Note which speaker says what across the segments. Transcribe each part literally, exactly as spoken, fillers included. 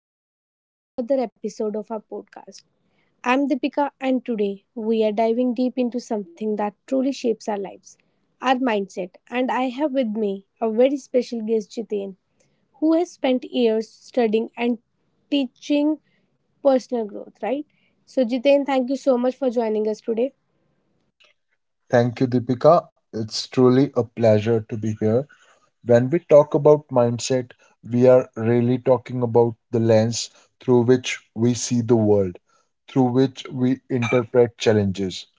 Speaker 1: welcome to our another episode of our podcast. I'm Deepika, and today we are diving deep into something that truly shapes our lives our mindset. And I have with me a very special guest, Jitain, who has spent years studying and teaching personal growth, right? So, Jitain, thank you so much for joining us today.
Speaker 2: Thank you, Deepika. It's truly a pleasure to be here. When we talk about mindset, we are really talking about the lens through which we see the world, through which we interpret challenges,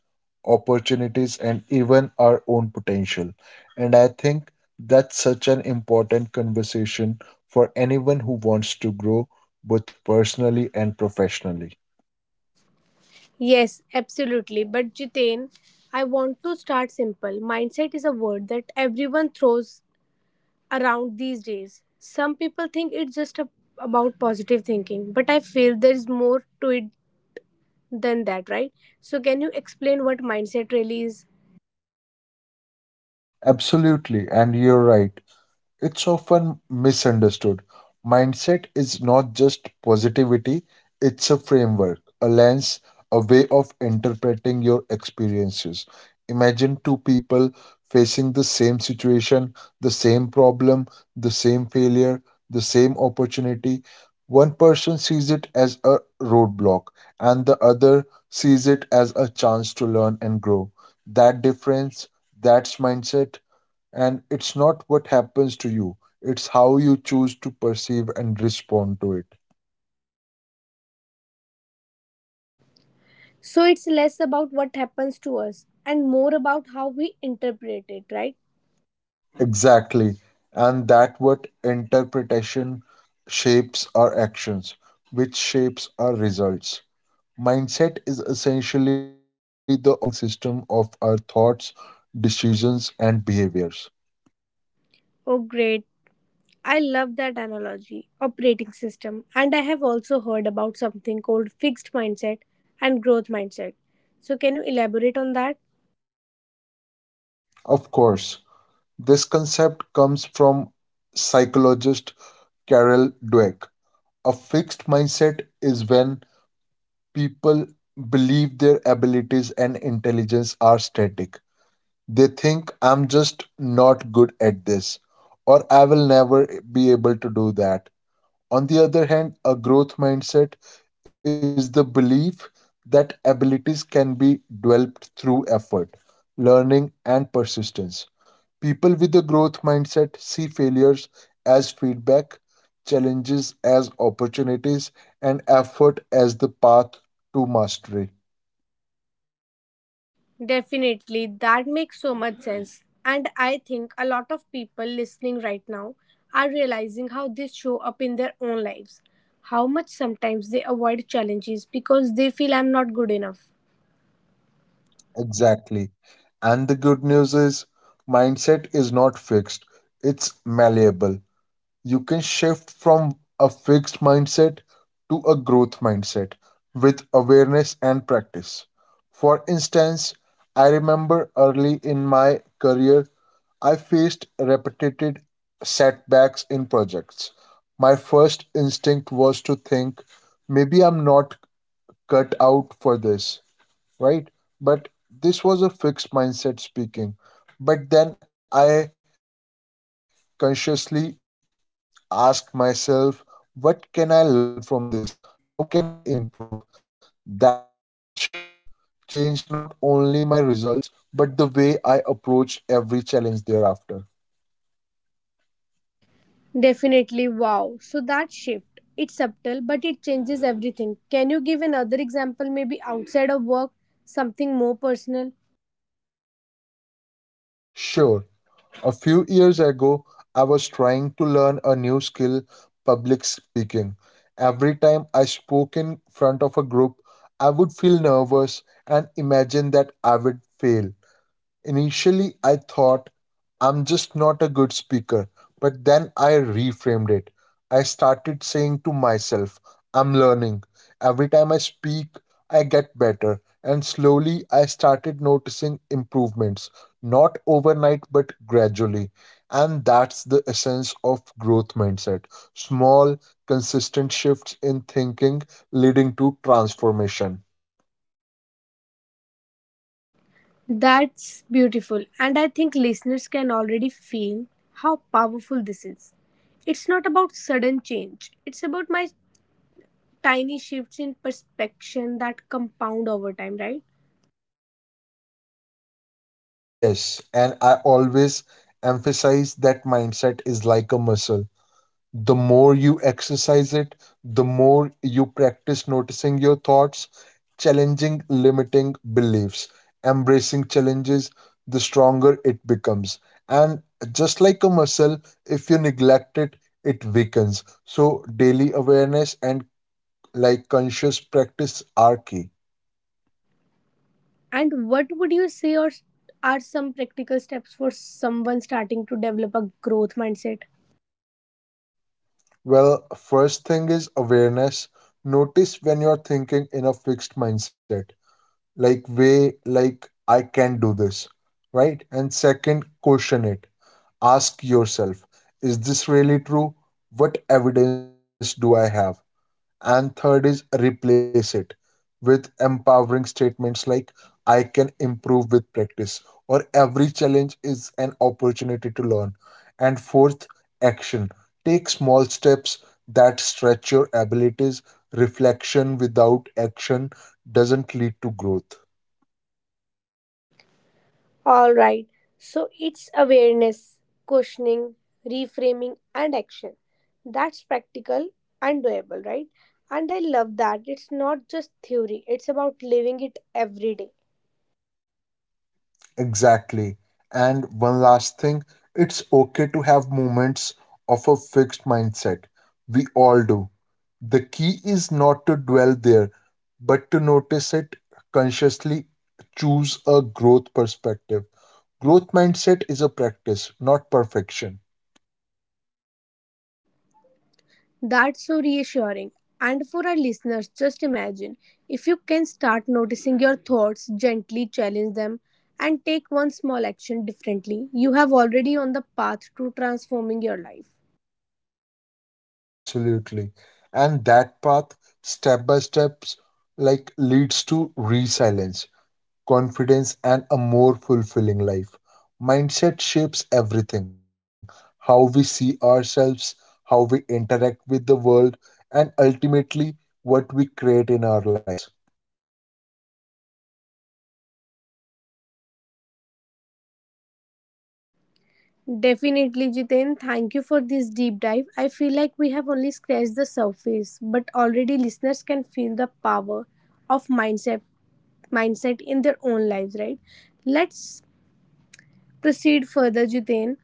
Speaker 2: opportunities, and even our own potential. And I think that's such an important conversation for anyone who wants to grow both personally and professionally.
Speaker 1: Yes, absolutely. But Jitain, I want to start simple. Mindset is a word that everyone throws around these days. Some people think it's just a, about positive thinking, but I feel there's more to it than that, right? So, can you explain what mindset really is?
Speaker 2: Absolutely, and you're right. It's often misunderstood. Mindset is not just positivity, it's a framework, a lens, a way of interpreting your experiences. Imagine two people facing the same situation, the same problem, the same failure, the same opportunity. One person sees it as a roadblock, and the other sees it as a chance to learn and grow. That difference, that's mindset, and it's not what happens to you, it's how you choose to perceive and respond to it.
Speaker 1: So, it's less about what happens to us and more about how we interpret it, right?
Speaker 2: Exactly. And that what interpretation shapes our actions, which shapes our results. Mindset is essentially the operating system of our thoughts, decisions, and behaviors.
Speaker 1: Oh, great. I love that analogy, operating system. And I have also heard about something called fixed mindset and growth mindset. So, can you elaborate on that?
Speaker 2: Of course, this concept comes from psychologist Carol Dweck. A fixed mindset is when people believe their abilities and intelligence are static. They think, I'm just not good at this, or I will never be able to do that. On the other hand, a growth mindset is the belief that abilities can be developed through effort, learning, and persistence. People with a growth mindset see failures as feedback, challenges as opportunities, and effort as the path to mastery.
Speaker 1: Definitely, that makes so much sense. And I think a lot of people listening right now are realizing how this show up in their own lives. How much sometimes they avoid challenges because they feel I'm not good enough.
Speaker 2: Exactly. And the good news is, mindset is not fixed, it's malleable. You can shift from a fixed mindset to a growth mindset with awareness and practice. For instance, I remember early in my career, I faced repeated setbacks in projects. My first instinct was to think, maybe I'm not cut out for this, right? But this was a fixed mindset speaking. But then I consciously ask myself, what can I learn from this? How can I improve? That simple shift changed not only my results, but the way I approached every challenge thereafter.
Speaker 1: Definitely, wow. So that shift, it's subtle but it changes everything. Can you give another example maybe outside of work, something more personal?
Speaker 2: Sure. A few years ago, I was trying to learn a new skill, public speaking. Every time I spoke in front of a group, I would feel nervous and imagine that I would fail. Initially, I thought I'm just not a good speaker, but then I reframed it. I started saying to myself, I'm learning. Every time I speak, I get better. And slowly, I started noticing improvements, not overnight, but gradually. And that's the essence of growth mindset, small, consistent shifts in thinking leading to transformation.
Speaker 1: That's beautiful, and I think listeners can already feel how powerful this is. It's not about sudden change, it's about my tiny shifts in perspective that compound over time, right?
Speaker 2: Yes, and I always emphasize that mindset is like a muscle. The more you exercise it, the more you practice noticing your thoughts, challenging limiting beliefs, embracing challenges, the stronger it becomes. And just like a muscle, if you neglect it, it weakens. So, daily awareness and like conscious practice are key.
Speaker 1: And what would you say or are some practical steps for someone starting to develop a growth mindset?
Speaker 2: Well, first thing is awareness. Notice when you're thinking in a fixed mindset, like way, like I can do this, right? And second, question it. Ask yourself, is this really true? What evidence do I have? And third is replace it with empowering statements like I can improve with practice or every challenge is an opportunity to learn. And fourth, action. Take small steps that stretch your abilities. Reflection without action doesn't lead to growth.
Speaker 1: All right. So it's awareness, questioning, reframing, and action. That's practical and doable, right? And I love that. It's not just theory, it's about living it every day.
Speaker 2: Exactly. And one last thing, it's okay to have moments of a fixed mindset. We all do. The key is not to dwell there, but to notice it consciously, choose a growth perspective. Growth mindset is a practice, not perfection.
Speaker 1: That's so reassuring. And for our listeners, just imagine if you can start noticing your thoughts, gently challenge them, and take one small action differently, you have already on the path to transforming your life.
Speaker 2: Absolutely. And that path, step by steps, like leads to resilience, confidence, and a more fulfilling life. Mindset shapes everything, how we see ourselves, how we interact with the world, and ultimately what we create in our lives.
Speaker 1: Definitely, Jiten. Thank you for this deep dive. I feel like we have only scratched the surface, but already listeners can feel the power of mindset mindset in their own lives, right? Let's proceed further, Jiten.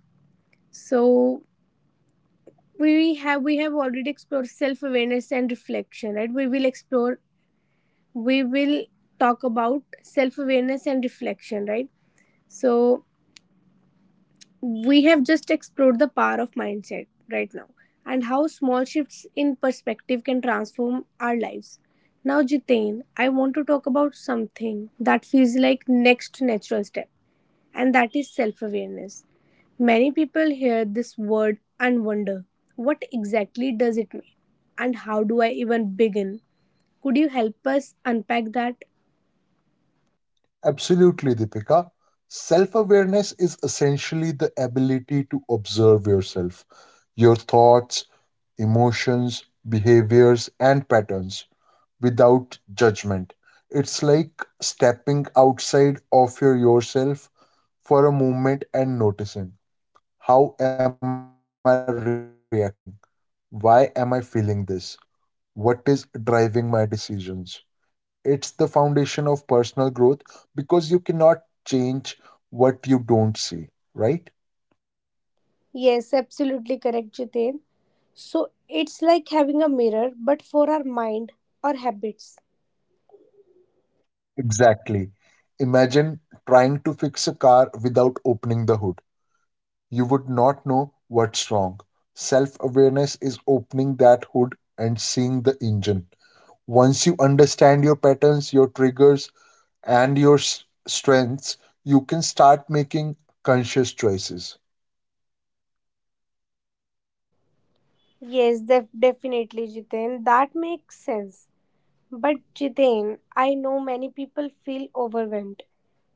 Speaker 1: So we have we have already explored self-awareness and reflection, right? We will explore we will talk about self-awareness and reflection, right? So we have just explored the power of mindset right now and how small shifts in perspective can transform our lives. Now, Jitain, I want to talk about something that feels like next natural step, and that is self-awareness. Many people hear this word and wonder, what exactly does it mean? And how do I even begin? Could you help us unpack that?
Speaker 2: Absolutely, Deepika. Self awareness is essentially the ability to observe yourself, your thoughts, emotions, behaviors, and patterns, without judgment. It's like stepping outside of your yourself for a moment and noticing, how am I reacting? Why am I feeling this? What is driving my decisions? It's the foundation of personal growth because you cannot change what you don't see, right?
Speaker 1: Yes, absolutely correct, Jitain. So it's like having a mirror, but for our mind or habits.
Speaker 2: Exactly. Imagine trying to fix a car without opening the hood. You would not know what's wrong. Self awareness is opening that hood and seeing the engine. Once you understand your patterns, your triggers, and your s- strengths, you can start making conscious choices.
Speaker 1: Yes, def- definitely, Jiten. That makes sense. But Jiten, I know many people feel overwhelmed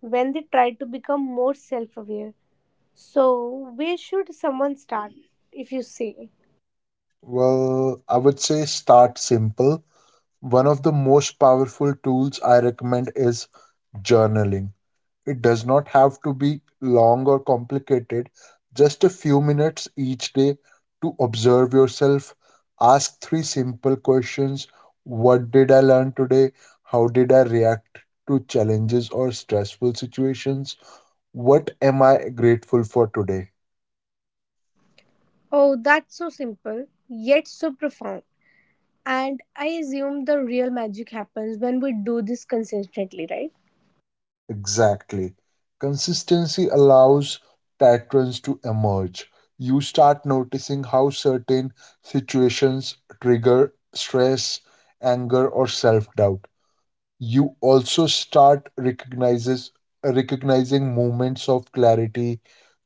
Speaker 1: when they try to become more self aware. So, where should someone start if you say?
Speaker 2: Well, I would say start simple. One of the most powerful tools I recommend is journaling. It does not have to be long or complicated, just a few minutes each day to observe yourself. Ask three simple questions: What did I learn today? How did I react to challenges or stressful situations? What am I grateful for today?
Speaker 1: Oh, that's so simple, yet so profound. And I assume the real magic happens when we do this consistently, right?
Speaker 2: Exactly. Consistency allows patterns to emerge. You start noticing how certain situations trigger stress, anger, or self doubt. You also start recognizes, recognizing moments of clarity,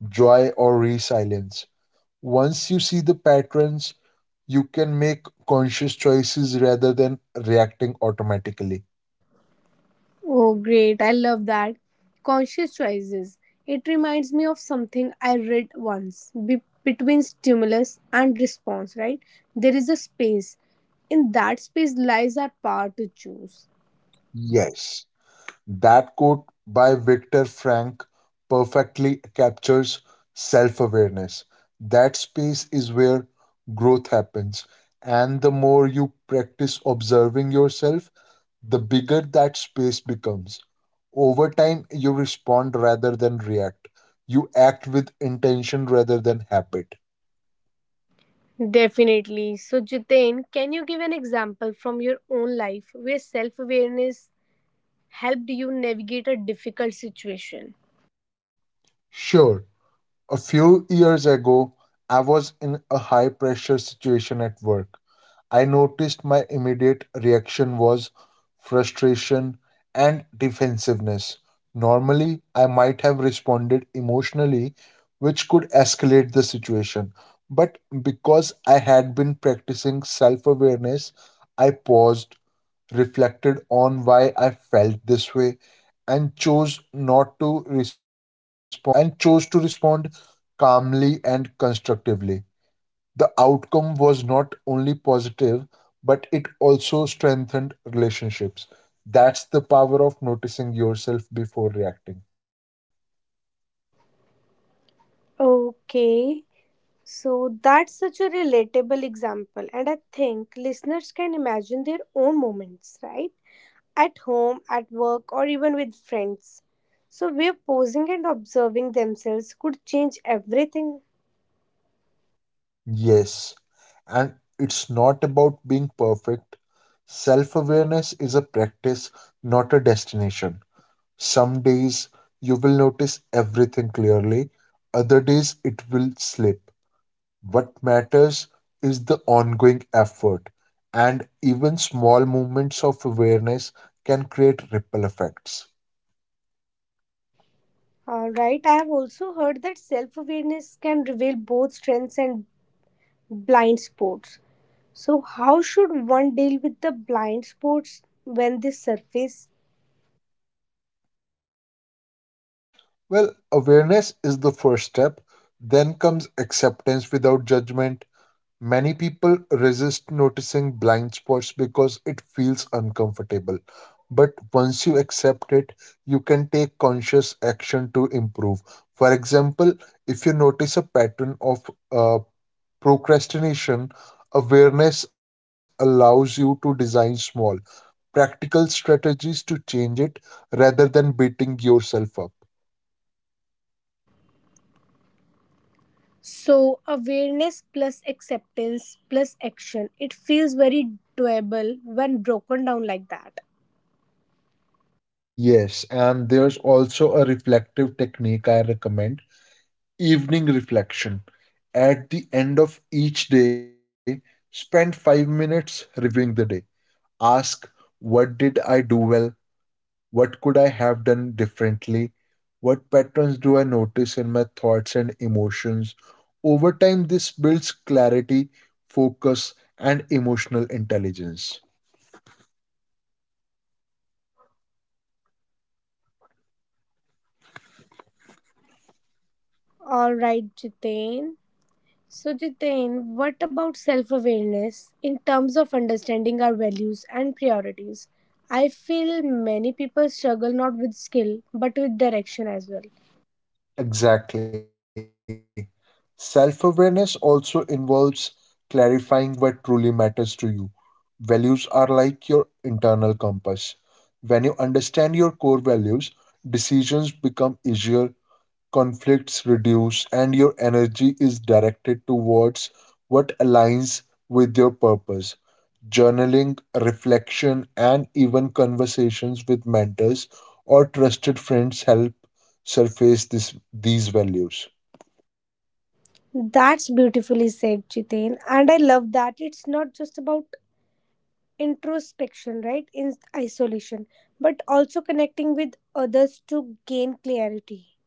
Speaker 2: joy, or resilience. Once you see the patterns, you can make conscious choices rather than reacting automatically.
Speaker 1: Oh, great. I love that. Conscious choices. It reminds me of something I read once be- between stimulus and response, right? There is a space. In that space lies our power to choose.
Speaker 2: Yes. That quote by Viktor Frankl perfectly captures self awareness. That space is where growth happens, and the more you practice observing yourself, the bigger that space becomes. Over time, you respond rather than react. You act with intention rather than habit.
Speaker 1: Definitely. So, Jitain, can you give an example from your own life where self awareness helped you navigate a difficult situation?
Speaker 2: Sure. A few years ago, I was in a high pressure situation at work. I noticed my immediate reaction was frustration and defensiveness. Normally, I might have responded emotionally, which could escalate the situation. But because I had been practicing self awareness, I paused, reflected on why I felt this way, and chose not to respond ca- and chose to respond calmly and constructively. The outcome was not only positive, but it also strengthened relationships. That's the power of noticing yourself before reacting.
Speaker 1: Okay. So that's such a relatable example, and I think listeners can imagine their own moments, right? At home, at work, or even with friends. So, where posing and observing themselves could change everything,
Speaker 2: Yes, and it's not about being perfect. Self awareness is a practice, not a destination. Some days you will notice everything clearly, other days it will slip. What matters is the ongoing effort, and even small moments of awareness can create ripple effects.
Speaker 1: uh, right? I have also heard that self awareness can reveal both strengths and blind spots. So, how should one deal with the blind spots when they surface?
Speaker 2: Well, awareness is the first step, then comes acceptance without judgment. Many people resist noticing blind spots because it feels uncomfortable. But once you accept it, you can take conscious action to improve. For example, if you notice a pattern of uh, procrastination, awareness allows you to design small, practical strategies to change it rather than beating yourself up.
Speaker 1: So, awareness plus acceptance plus action. It feels very doable when broken down like that.
Speaker 2: Yes, and there's also a reflective technique I recommend, evening reflection. At the end of each day, spend five minutes reviewing the day. Ask, what did I do well? What could I have done differently? What patterns do I notice in my thoughts and emotions? Over time, this builds clarity, focus, and emotional intelligence.
Speaker 1: All right, Jitain. So, Jitain, what about self awareness in terms of understanding our values and priorities? I feel many people struggle not with skill but with direction as well.
Speaker 2: Exactly. Self awareness also involves clarifying what truly matters to you. Values are like your internal compass. When you understand your core values, decisions become easier, conflicts reduce, and your energy is directed towards what aligns with your purpose. Journaling, reflection, and even conversations with mentors or trusted friends help surface this, these values.
Speaker 1: That's beautifully said, Jitain. And I love that it's not just about introspection, right? In isolation, but also connecting with others to
Speaker 2: Right?
Speaker 1: gain clarity.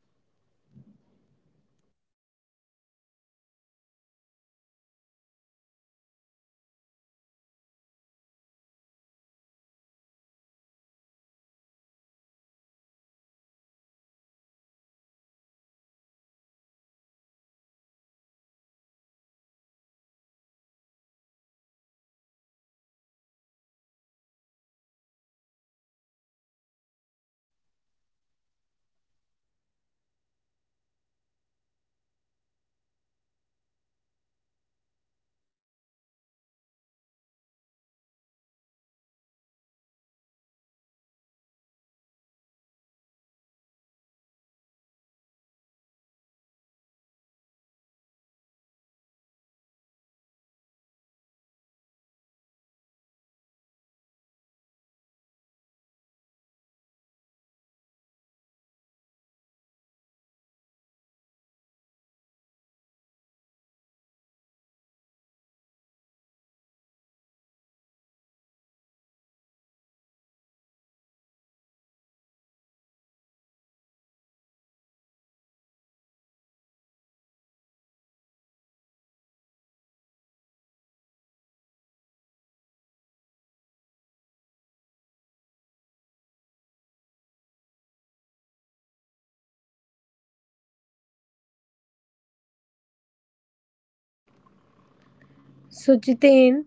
Speaker 2: Right, Deepika? Hello?
Speaker 1: So, Jitain,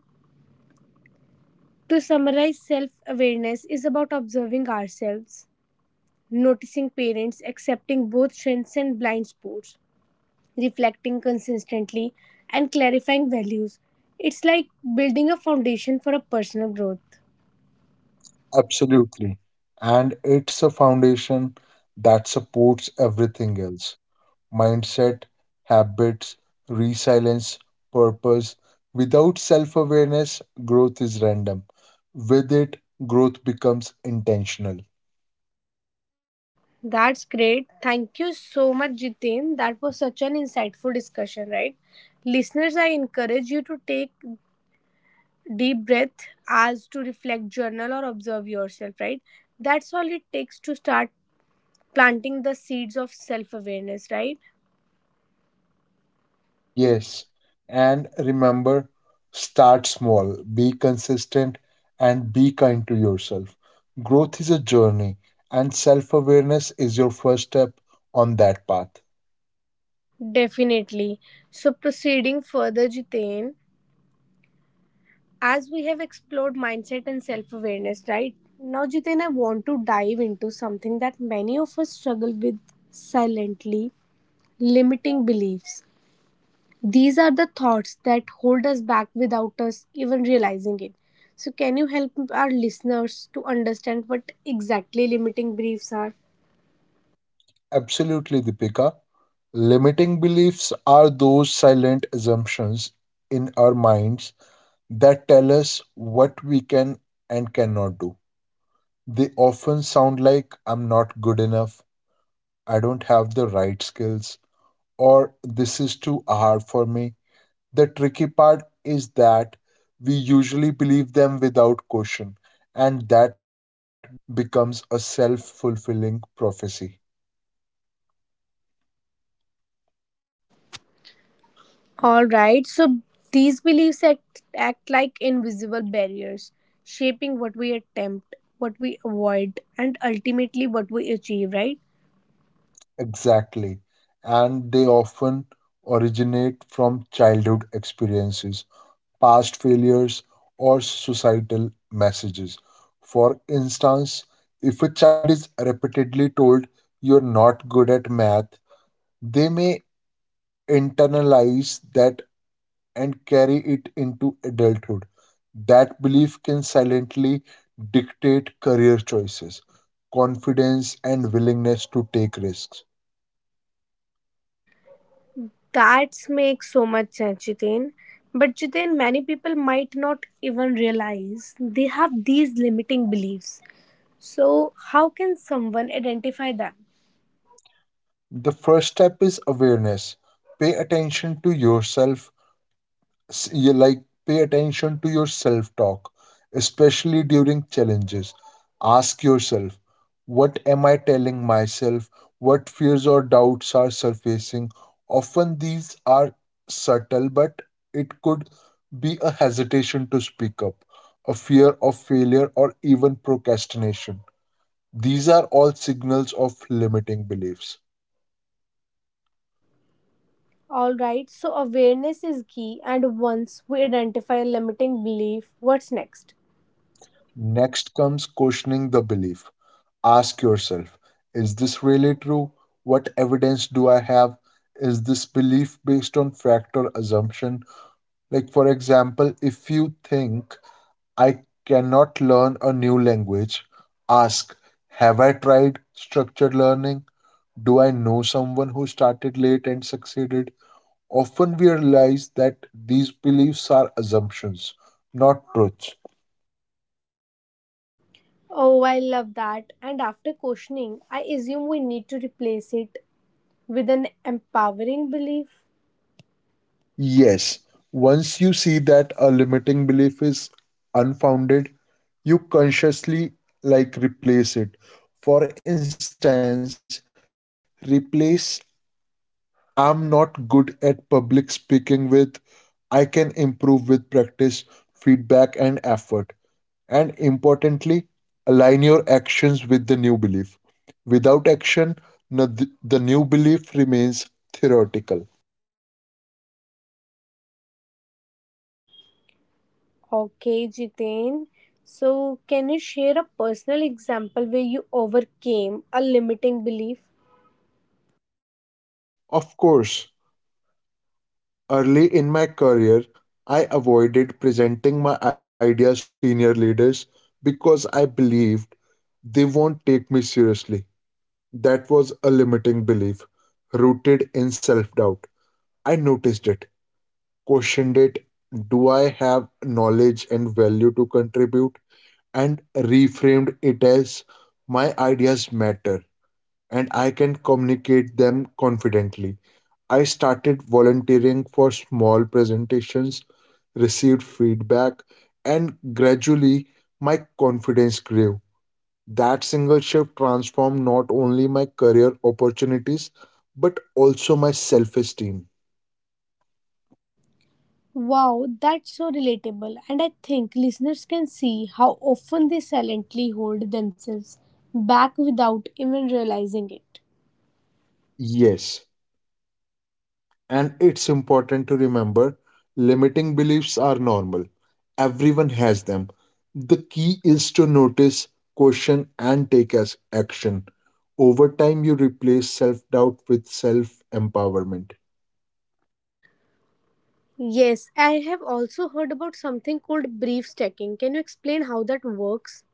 Speaker 1: to summarize, self awareness is about observing ourselves, noticing parents, accepting both strengths and blind spots, reflecting consistently, and clarifying values. It's like building a foundation for a personal growth.
Speaker 2: Absolutely. And it's a foundation that supports everything else: mindset, habits, resilience, purpose. Without self awareness, growth is random. With it, growth becomes intentional.
Speaker 1: That's great. Thank you so much, Jitin. That was such an insightful discussion, right? Listeners, I encourage you to take deep breath as to reflect, journal, or observe yourself, right? That's all it takes to start planting the seeds of self awareness, right?
Speaker 2: Yes, and remember, start small, be consistent, and be kind to yourself. Growth is a journey, and self awareness is your first step on that path.
Speaker 1: Definitely. So, proceeding further, Jitain, as we have explored mindset and self awareness, right? Now, Jitain, I want to dive into something that many of us struggle with silently limiting beliefs. These are the thoughts that hold us back without us even realizing it. So, can you help our listeners to understand what exactly limiting beliefs are?
Speaker 2: Absolutely, Deepika. Limiting beliefs are those silent assumptions in our minds that tell us what we can and cannot do. They often sound like, I'm not good enough, I don't have the right skills, or this is too hard for me. The tricky part is that we usually believe them without question, and that belief becomes a self fulfilling prophecy.
Speaker 1: All right, so these beliefs act, act like invisible barriers, shaping what we attempt, what we avoid, and ultimately what we achieve, right?
Speaker 2: Exactly. And they often originate from childhood experiences, past failures, or societal messages. For instance, if a child is repeatedly told you're not good at math, they may internalize that and carry it into adulthood. That belief can silently dictate career choices, confidence, and willingness to take risks.
Speaker 1: That makes so much sense, Jitin. But Jitin, many people might not even realize they have these limiting beliefs. So, how can someone identify them?
Speaker 2: The first step is awareness. Pay attention to yourself s- you like Pay attention to your self talk, especially during challenges. Ask yourself, what am I telling myself? What fears or doubts are surfacing? Often these are subtle, but it could be a hesitation to speak up, a fear of failure, or even procrastination. These are all signals of limiting beliefs.
Speaker 1: Alright, so awareness is key, and once we identify a limiting belief, what's next?
Speaker 2: Next comes questioning the belief. Ask yourself, is this really true? What evidence do I have? Is this belief based on fact or assumption? Like, for example, if you think I cannot learn a new language, ask, have I tried structured learning? Do I know someone who started late and succeeded? Often we realize that these beliefs are assumptions, not truths.
Speaker 1: Oh, I love that. And after questioning, I assume we need to replace it with an empowering belief.
Speaker 2: Yes, once you see that a limiting belief is unfounded, you consciously like replace it. For instance, replace I'm not good at public speaking with I can improve with practice, feedback, and effort. And importantly, align your actions with the new belief. Without action, no- the the new belief remains theoretical.
Speaker 1: Okay, Jiten. So, can you share a personal example where you overcame a limiting belief?
Speaker 2: Of course. Early in my career, I avoided presenting my ideas to senior leaders because I believed they won't take me seriously. That was a limiting belief rooted in self doubt. I noticed it, questioned it, do I have knowledge and value to contribute? And reframed it as, my ideas matter and I can communicate them confidently. I started volunteering for small presentations, received feedback, and gradually my confidence grew. That single shift transformed not only my career opportunities but also my self esteem.
Speaker 1: Wow, that's so relatable. And I think listeners can see how often they silently hold themselves back without even realizing it.
Speaker 2: Yes, and it's important to remember, limiting beliefs are normal, everyone has them. The key is to notice, question, and take as action. Over time, you replace self doubt with self empowerment.
Speaker 1: Yes, I have also heard about something called brief stacking. Can you explain how that works?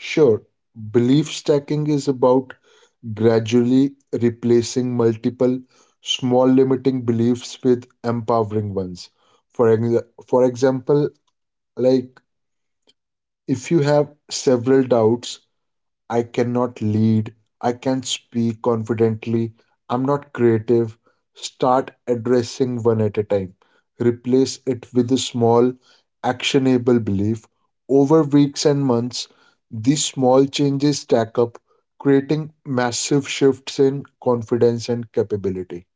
Speaker 2: Sure, belief stacking is about gradually replacing multiple small limiting beliefs with empowering ones. For, ex- for example, like if you have several doubts, I cannot lead, I can't speak confidently, I'm not creative. Start addressing one at a time. Replace it with a small, actionable belief. Over weeks and months, these small changes stack up, creating massive shifts in confidence and capability.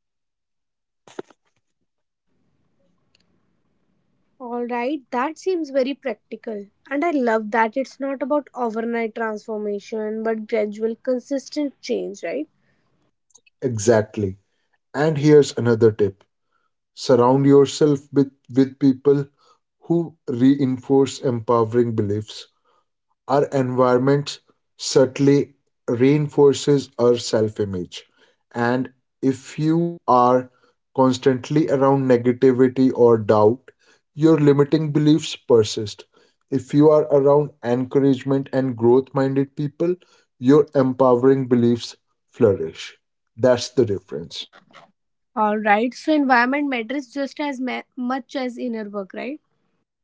Speaker 1: All right, that seems very practical. And I love that it's not about overnight transformation but gradual, consistent change, right?
Speaker 2: Exactly. And here's another tip, surround yourself with, with people who reinforce empowering beliefs. Our environment subtly reinforces our self image. And if you are constantly around negativity or doubt, your limiting beliefs persist. If you are around encouragement and growth minded people, your empowering beliefs flourish. That's the difference.
Speaker 1: All right, so environment matters just as ma- much as inner work, right?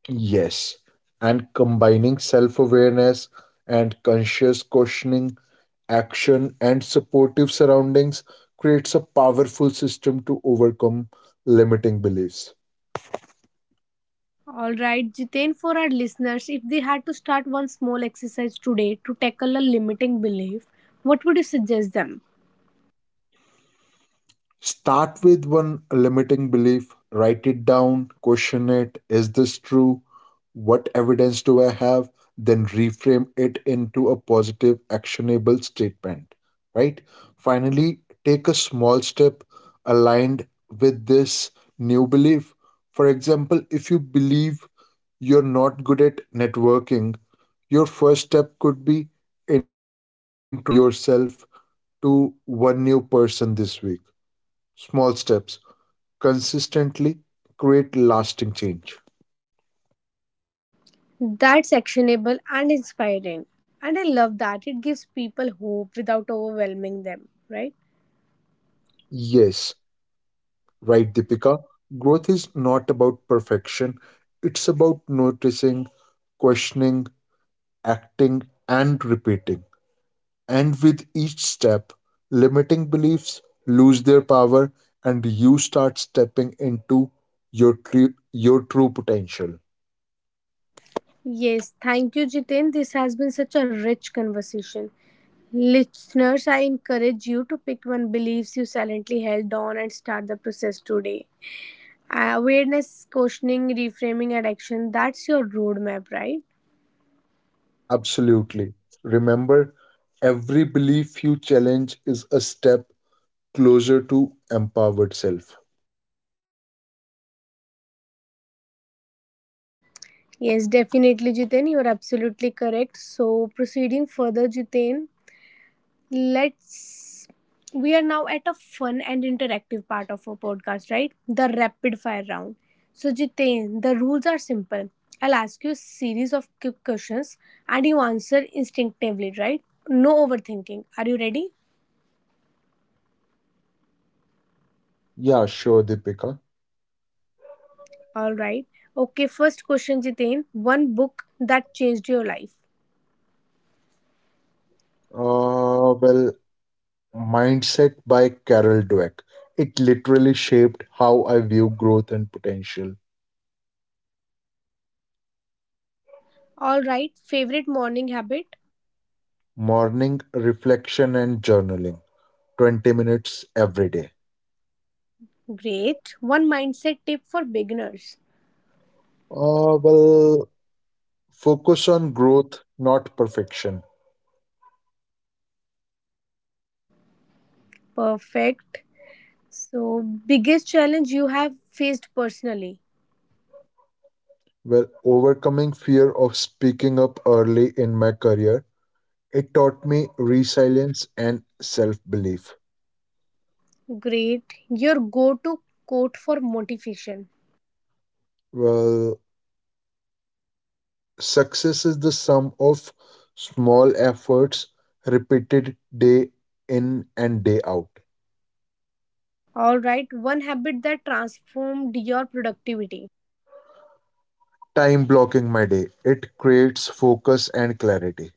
Speaker 2: Yes, and combining self awareness and conscious questioning, action, and supportive surroundings creates a powerful system to overcome limiting beliefs.
Speaker 1: All right, Jiten, for our listeners, if they had to start one small exercise today to tackle a limiting belief, what would you suggest them?
Speaker 2: Start with one limiting belief, write it down, question it. Is this true? What evidence do I have? Then reframe it into a positive, actionable statement, right? Finally, take a small step aligned with this new belief. For example, if you believe you're not good at networking, your first step could be introducing yourself to one new person this week. Small steps consistently create lasting change.
Speaker 1: That's actionable and inspiring. And I love that. It gives people hope without overwhelming them, right?
Speaker 2: Yes, right, Deepika. Growth is not about perfection, it's about noticing, questioning, acting, and repeating. And with each step, limiting beliefs lose their power and you start stepping into your, tru- your true potential.
Speaker 1: Yes, thank you, Jiten. This has been such a rich conversation. Listeners, I encourage you to pick one beliefs you silently held on and start the process today. Uh, awareness, questioning, reframing, and action that's your roadmap, right?
Speaker 2: Absolutely. Remember, every belief you challenge is a step closer to empowered self.
Speaker 1: Yes, definitely, Jiten. You are absolutely correct. So, proceeding further, Jiten, let's. We are now at a fun and interactive part of our podcast, right? The rapid fire round. So, Jiten, the rules are simple. I'll ask you a series of quick questions and you answer instinctively, right? No overthinking. Are you ready?
Speaker 2: Yeah, sure, Deepika.
Speaker 1: All right. Okay, first question, Jiten. One book that changed your life.
Speaker 2: Uh, well, Mindset by Carol Dweck. It literally shaped how I view growth and potential.
Speaker 1: All right. Favorite morning habit?
Speaker 2: Morning reflection and journaling, twenty minutes every day.
Speaker 1: Great. One mindset tip for beginners.
Speaker 2: Uh, well, focus on growth, not perfection.
Speaker 1: Perfect. So, biggest challenge you have faced personally.
Speaker 2: Well, overcoming fear of speaking up early in my career, it taught me resilience and self belief.
Speaker 1: Great. Your go to quote for motivation.
Speaker 2: Well, success is the sum of small efforts repeated day in and day out.
Speaker 1: All right. One habit that transformed your productivity.
Speaker 2: Time blocking my day. It creates focus and clarity.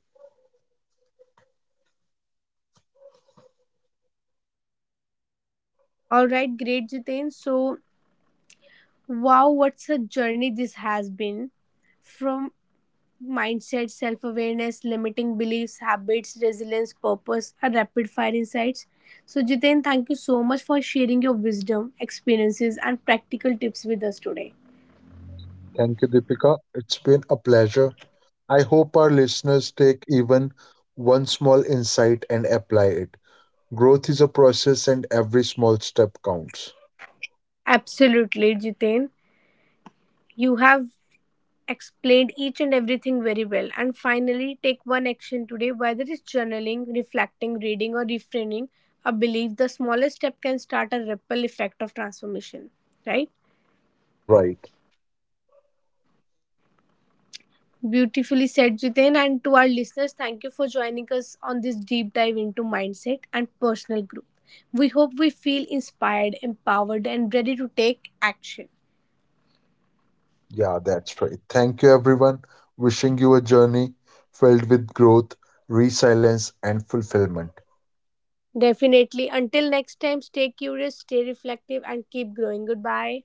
Speaker 1: All right. Great, Jiten. So, wow, what's a journey this has been from mindset, self awareness, limiting beliefs, habits, resilience, purpose, and rapid fire insights. So, Jiten, thank you so much for sharing your wisdom, experiences, and practical tips with us today.
Speaker 2: Thank you, Deepika. It's been a pleasure. I hope our listeners take even one small insight and apply it. Growth is a process, and every small step counts.
Speaker 1: Absolutely, Jiten. You have explained each and everything very well. And finally, take one action today, whether it's journaling, reflecting, reading, or reframing a belief. The smallest step can start a ripple effect of transformation, right?
Speaker 2: Right.
Speaker 1: Beautifully said, Jiten. And to our listeners, thank you for joining us on this deep dive into mindset and personal growth. We hope we feel inspired, empowered, and ready to take action.
Speaker 2: Yeah, that's right. Thank you, everyone. Wishing you a journey filled with growth, resilience, and fulfillment.
Speaker 1: Definitely. Until next time, stay curious, stay reflective, and keep growing. Goodbye.